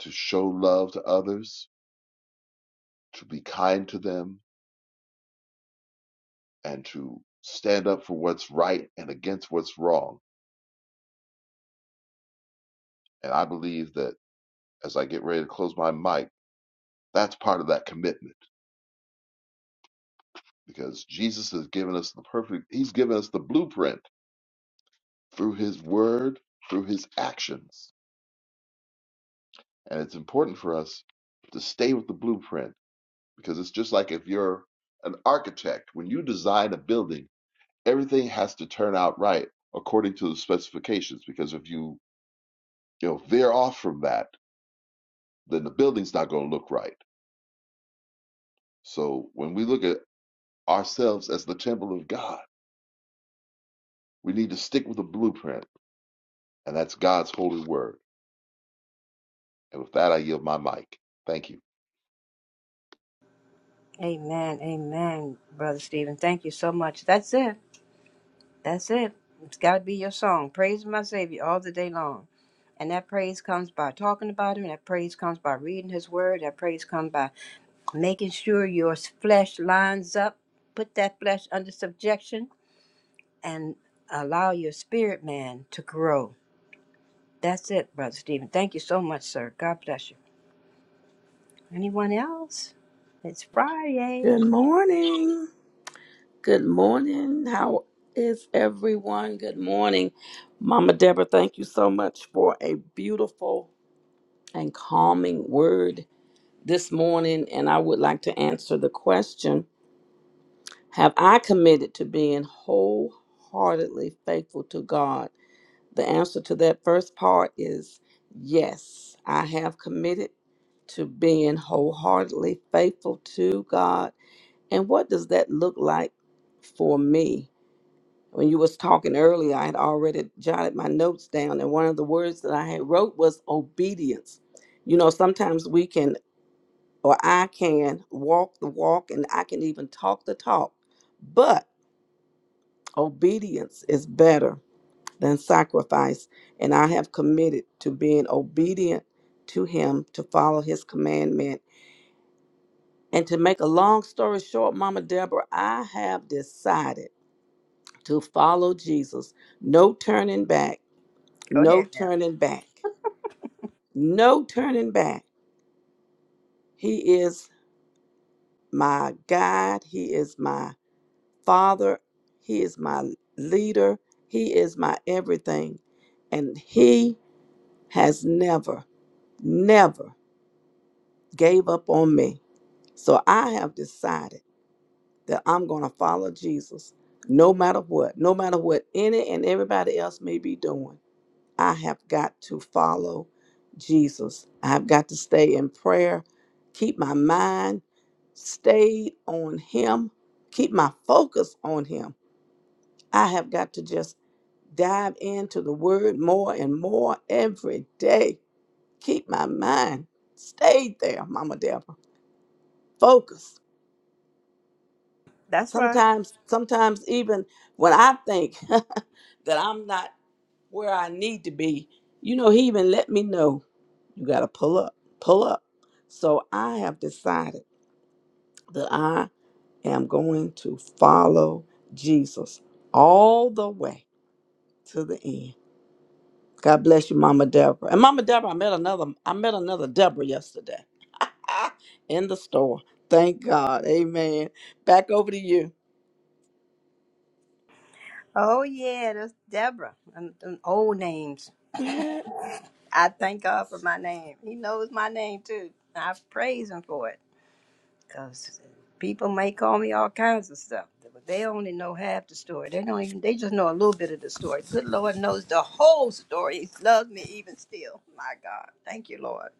to show love to others, to be kind to them, and to stand up for what's right and against what's wrong. And I believe that as I get ready to close my mic, that's part of that commitment because Jesus has given us the perfect, he's given us the blueprint through his word, through his actions. And it's important for us to stay with the blueprint because it's just like if you're an architect, when you design a building, everything has to turn out right according to the specifications because if you, you know, veer off from that, then the building's not going to look right So when we look at ourselves as the temple of God, we need to stick with the blueprint, and that's God's holy word. And with that, I yield my mic. Thank you. Amen. Amen, Brother Stephen. Thank you so much. That's it. That's it. It's got to be your song. Praise my Savior all the day long. And that praise comes by talking about Him. That praise comes by reading His Word. That praise comes by making sure your flesh lines up. Put that flesh under subjection and allow your spirit man to grow. That's it, Brother Stephen. Thank you so much, sir. God bless you. Anyone else? It's Friday. Good morning. Good morning. How is everyone? Good morning. Mama Deborah, thank you so much for a beautiful and calming word this morning. And I would like to answer the question Have I committed to being wholeheartedly faithful to God? The answer to that first part is yes, I have committed to being wholeheartedly faithful to God And what does that look like for me? When you was talking earlier, I had already jotted my notes down, and one of the words that I had wrote was obedience. You know, sometimes we can, or I can, walk the walk, and I can even talk the talk, but obedience is better than sacrifice. And I have committed to being obedient to Him, to follow His commandment, and to make a long story short, Mama Deborah, I have decided. to follow Jesus. No turning back. Go No ahead now. turning back. No turning back. He is my God. He is my Father. He is my leader. He is my everything. And He has never, never gave up on me. So I have decided that I'm going to follow Jesus no matter what, no matter what any and everybody else may be doing. I have got to follow Jesus. I've got to stay in prayer, keep my mind stayed on Him, keep my focus on Him. I have got to just dive into the Word more and more every day. Keep my mind stayed there, Mama Deborah. Focus. That's right. Sometimes, sometimes even when I think <laughs> that I'm not where I need to be, you know, He even let me know. You got to pull up, pull up. So I have decided that I am going to follow Jesus all the way to the end. God bless you, Mama Deborah. And Mama Deborah, I met another, I met another Deborah yesterday <laughs> in the store. Thank God. Amen. Back over to you. Oh, yeah. That's Deborah. And, and old names. <laughs> I thank God for my name. He knows my name too. I praise Him for it because people may call me all kinds of stuff, but they only know half the story. They don't even. They just know a little bit of the story. Good Lord knows the whole story. He loves me even still. My God, thank you, Lord.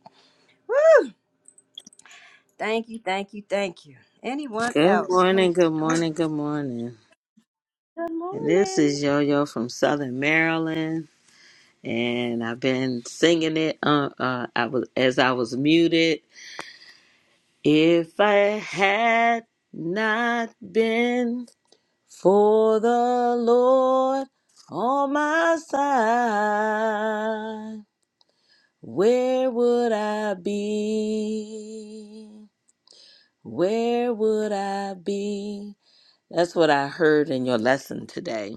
Woo! Thank you, thank you, thank you. Anyone Good else? morning, good Good morning, good morning. And this morning. is Yo Yo from Southern Maryland. And I've been singing it uh, uh, I was, as I was muted. If I had not been for the Lord on my side, where would I be? Where would I be? That's what I heard in your lesson today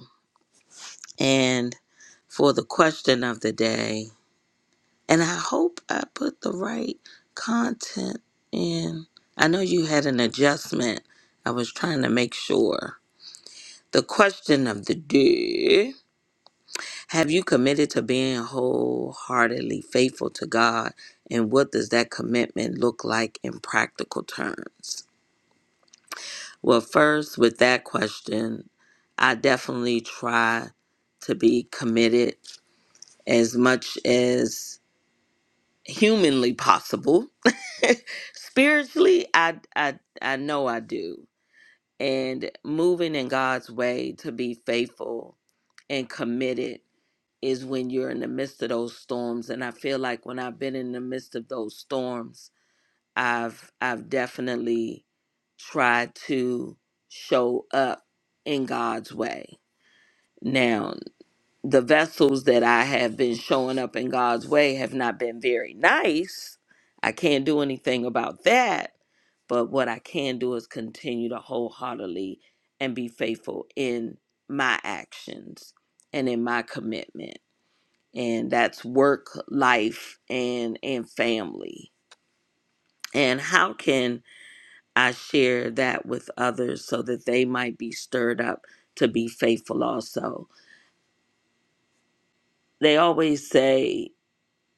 and for the question of the day. And I hope I put the right content in. I know you had an adjustment. I was trying to make sure. The question of the day Have you committed to being wholeheartedly faithful to God? And what does that commitment look like in practical terms? Well, first, with that question, I definitely try to be committed as much as humanly possible. <laughs> Spiritually, I I I know I do. And moving in God's way to be faithful and committed is when you're in the midst of those storms. And I feel like when I've been in the midst of those storms, I've I've definitely tried to show up in God's way. Now, the vessels that I have been showing up in God's way have not been very nice. I can't do anything about that. But what I can do is continue to wholeheartedly and be faithful in my actions and in my commitment. And that's work, life, and and family. And how can I share that with others so that they might be stirred up to be faithful also? They always say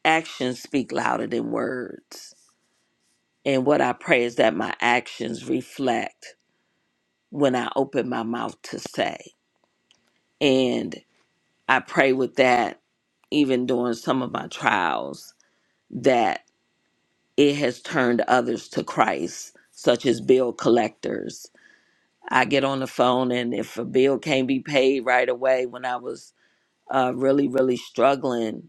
actions speak louder than words. And what I pray is that my actions reflect when I open my mouth to say. And I pray with that, even during some of my trials, that it has turned others to Christ, such as bill collectors. I get on the phone, and if a bill can't be paid right away when I was uh, really, really struggling,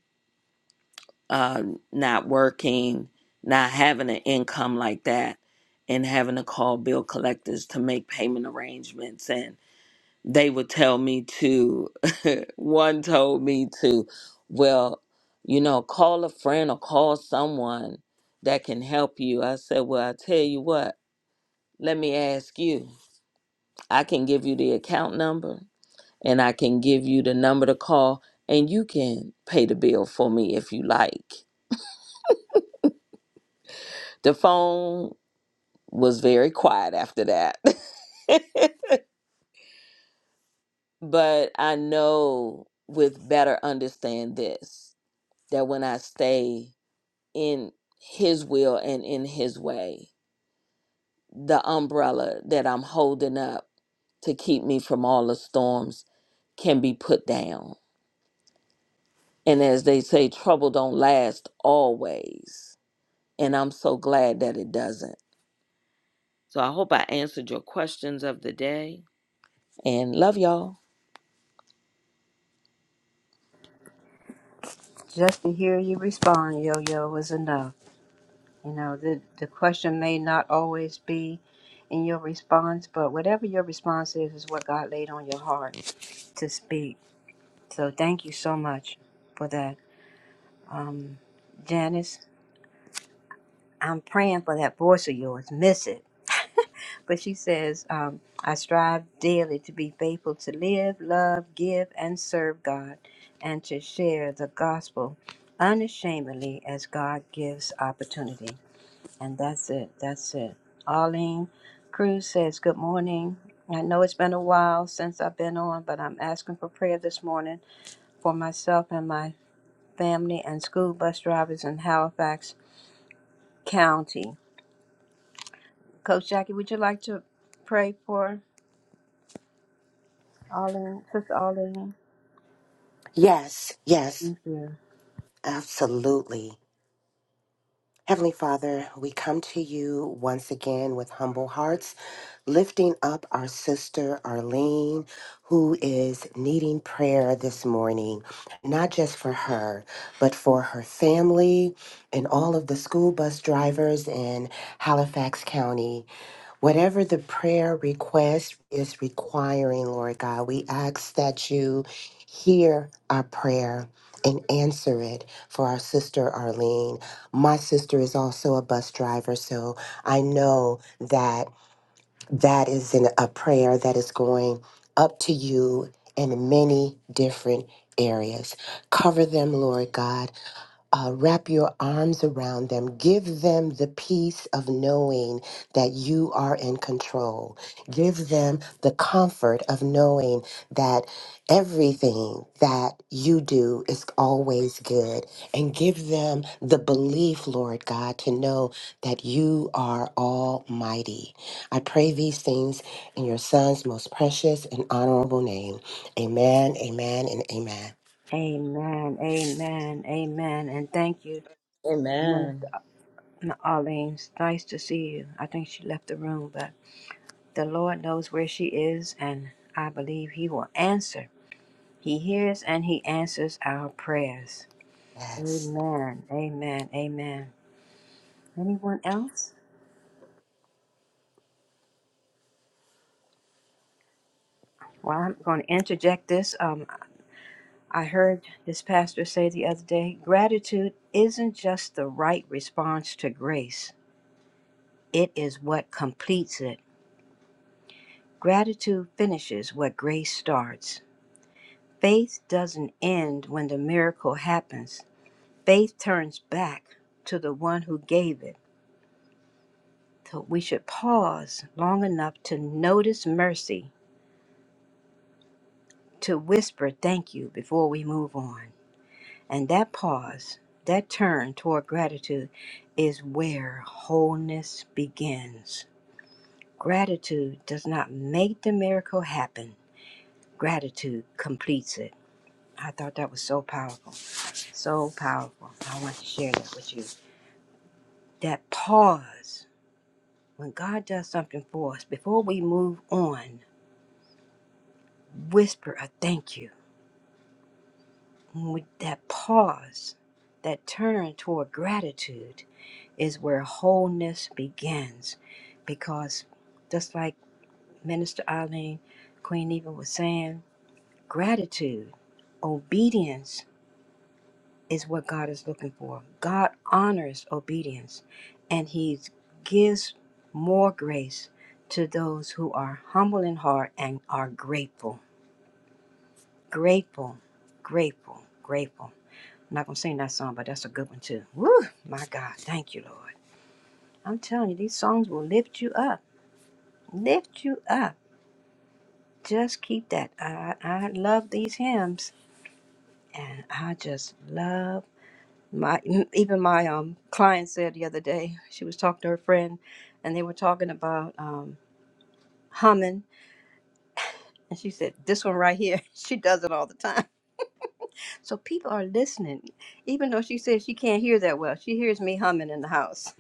uh, not working, not having an income like that, and having to call bill collectors to make payment arrangements. And they would tell me to, <laughs> one told me to, well, you know, call a friend or call someone that can help you. I said, well, I tell you what, let me ask you. I can give you the account number and I can give you the number to call and you can pay the bill for me if you like the phone was very quiet after that. <laughs> but I know with better understand this that when I stay in his will and in his way, the umbrella that I'm holding up to keep me from all the storms can be put down. And as they say, trouble don't last always. And I'm so glad that it doesn't. So I hope I answered your questions of the day. And love y'all. Just to hear you respond, Yo Yo, was enough. You know, the, the question may not always be in your response, but whatever your response is, is what God laid on your heart to speak. So thank you so much for that. Um, Janice, I'm praying for that voice of yours. Miss it. But she says, um, I strive daily to be faithful to live, love, give, and serve God, and to share the gospel unashamedly as God gives opportunity. And that's it. That's it. Arlene Cruz says, Good morning. I know it's been a while since I've been on, but I'm asking for prayer this morning for myself and my family and school bus drivers in Halifax County. Coach Jackie, would you like to pray for Arlene, Sister Arlene? Yes, yes, Thank you. absolutely. Heavenly Father, we come to you once again with humble hearts, lifting up our sister Arlene, who is needing prayer this morning, not just for her, but for her family and all of the school bus drivers in Halifax County. Whatever the prayer request is requiring, Lord God, we ask that you hear our prayer and answer it for our sister Arlene. My sister is also a bus driver, so I know that that is an, a prayer that is going up to you in many different areas. Cover them, Lord God uh, wrap your arms around them. Give them the peace of knowing that you are in control. Give them the comfort of knowing that everything that you do is always good. And give them the belief, Lord God, to know that you are almighty. I pray these things in your Son's most precious and honorable name. Amen, amen, and amen. Amen. Amen. Amen. And thank you, Minister Amen. Arlene. It's nice to see you. I think she left the room, but. The Lord knows where she is, and I believe He will answer. He hears and He answers our prayers. Yes. Amen. Amen. Amen. Anyone else? Well, I'm going to interject this. Um, I heard this pastor say the other day gratitude isn't just the right response to grace, it is what completes it. Gratitude finishes what grace starts. Faith doesn't end when the miracle happens. Faith turns back to the one who gave it. So we should pause long enough to notice mercy, to whisper thank you before we move on. And that pause, that turn toward gratitude, is where wholeness begins. Gratitude does not make the miracle happen, gratitude completes it. I thought that was so powerful, so powerful. I want to share that with you. That pause. When God does something for us, before we move on, whisper a thank you. When that pause, that turn toward gratitude is where wholeness begins. Because just like Minister Eileen, Queen Eva was saying, gratitude, obedience is what God is looking for. God honors obedience and He gives more grace to those who are humble in heart and are grateful. Grateful, grateful, grateful. I'm not gonna sing that song, but that's a good one too. Woo! My God, thank you, Lord. I'm telling you, these songs will lift you up, lift you up. Just keep that. I I love these hymns, and I just love my. Even my um client said the other day, she was talking to her friend, and they were talking about um humming, and she said, "This one right here, <laughs> she does it all the time." So people are listening, even though she says she can't hear that well. She hears me humming in the house.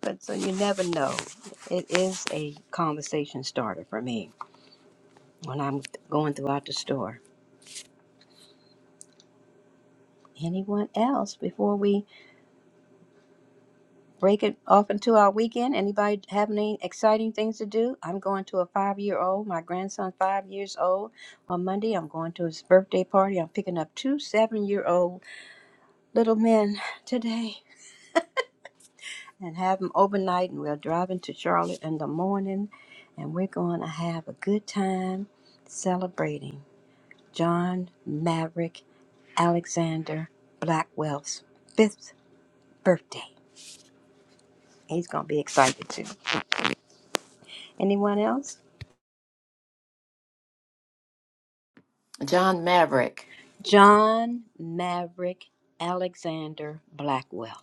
But so you never know. It is a conversation starter for me when I'm going throughout the store. Anyone else before we break it off into our weekend? Anybody have any exciting things to do? I'm going to a five year old, my grandson, five years old. On Monday, I'm going to his birthday party. I'm picking up two seven year old little men today and have them overnight. And we're driving to Charlotte in the morning, and we're going to have a good time celebrating John Maverick Alexander Blackwell's fifth birthday. He's going to be excited too. Anyone else? John Maverick. John Maverick Alexander Blackwell.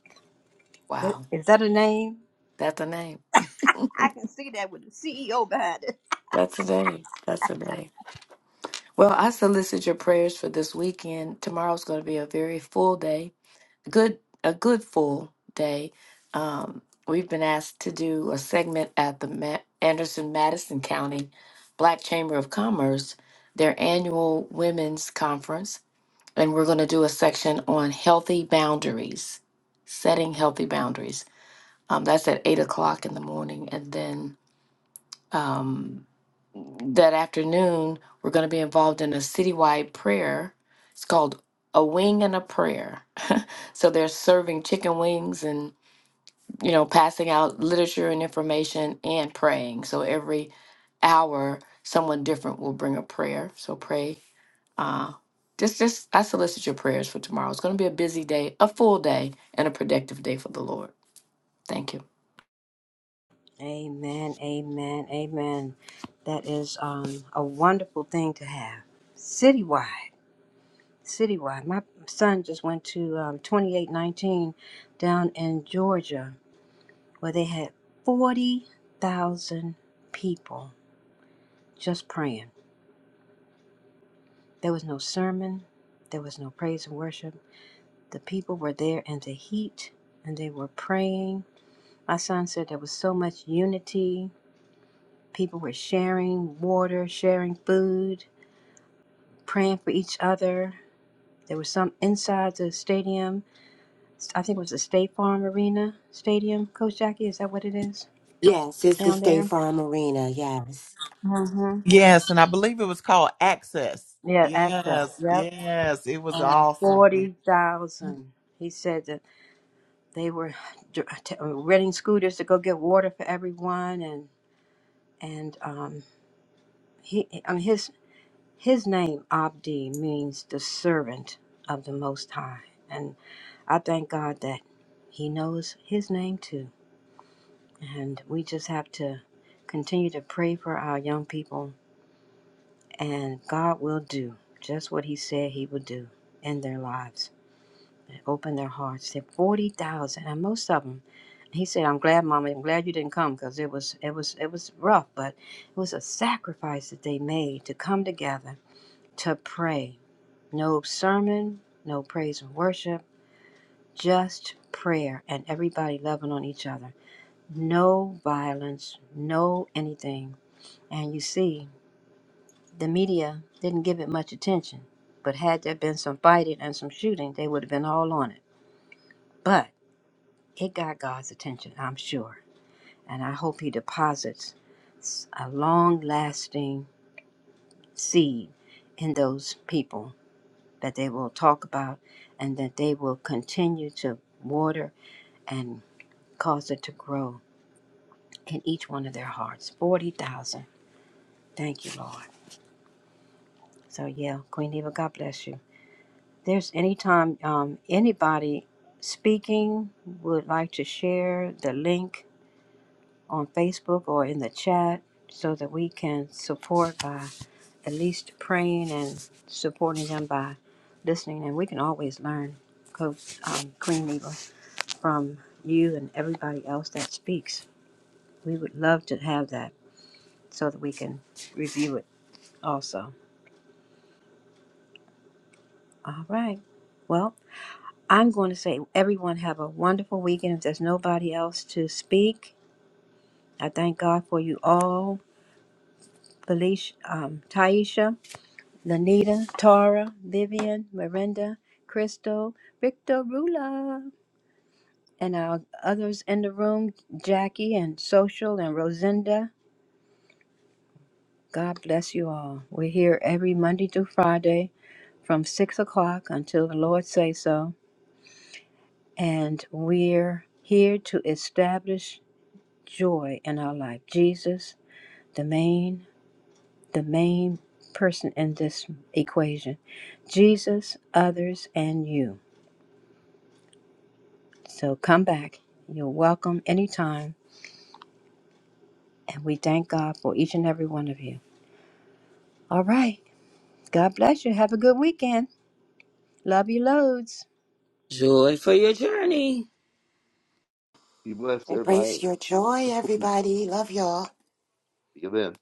Wow. Is that a name? That's a name. I can see that with the CEO behind it. That's a name. That's a name. Well, I solicit your prayers for this weekend. Tomorrow's going to be a very full day. Good, a good full day. Um, we've been asked to do a segment at the Ma- Anderson Madison County Black Chamber of Commerce, their annual women's conference and we're going to do a section on healthy boundaries, setting healthy boundaries. Um, that's at eight o'clock in the morning, and then um, that afternoon we're going to be involved in a citywide prayer. It's called a wing and a prayer. <laughs> so they're serving chicken wings and you know passing out literature and information and praying. So every hour someone different will bring a prayer. So pray uh, just, just I solicit your prayers for tomorrow. It's going to be a busy day, a full day, and a productive day for the Lord. Thank you. Amen, amen, amen. That is um, a wonderful thing to have. Citywide, citywide. My son just went to um, 2819 down in Georgia where they had 40,000 people just praying. There was no sermon, there was no praise and worship. The people were there in the heat and they were praying. My son said there was so much unity. People were sharing water, sharing food praying for each other. There was some inside the stadium. I think it was the State Farm Arena Stadium. Coach Jackie, is that what it is Yes, it's the down State there? Farm Arena. Yes. Mm-hmm. Yes, and I believe it was called Access. Yeah, access. Yes, Yep. yes, it was And awesome. forty thousand. He said that they were dr- t- uh, renting scooters to go get water for everyone, and and um, he, I mean, his his name Abdi means the servant of the Most High, and I thank God that He knows His name too And we just have to continue to pray for our young people, and God will do just what He said He would do in their lives. And Open their hearts. There are 40,000, and most of them. He said, "I'm glad, Mama. I'm glad you didn't come because it was, it was, it was rough, but it was a sacrifice that they made to come together to pray. No sermon, no praise and worship, just prayer, and everybody loving on each other. No violence, no anything And you see, the media didn't give it much attention. But had there been some fighting and some shooting, they would have been all on it. But it got God's attention, I'm sure. And I hope He deposits s- a long lasting seed in those people that they will talk about and that they will continue to water and cause it to grow in each one of their hearts. 40,000. Thank you, Lord. So, yeah, Queen Eva, God bless you. there's any time um, anybody speaking would like to share the link on Facebook or in the chat so that we can support by at least praying and supporting them by listening. And we can always learn, Coach um, Queen Eva, from you and everybody else that speaks. We would love to have that so that we can review it also. All right. Well, I'm going to say, everyone have a wonderful weekend. If there's nobody else to speak, I thank God for you all. Felicia, um, Taisha, Lanita, Tara, Vivian, Miranda, Crystal, Victor Rula, and our others in the room, Jackie and Social and Rosinda. God bless you all. We're here every Monday through Friday from 6 o'clock until the Lord say so. And we're here to establish joy in our life. Jesus, the main, the main person in this equation. Jesus, others, and you. So come back. You're welcome anytime. And we thank God for each and every one of you. All right. God bless you. Have a good weekend. Love you loads. Joy for your journey. Be blessed, everybody. Embrace your joy, See everybody. Love y'all. you then.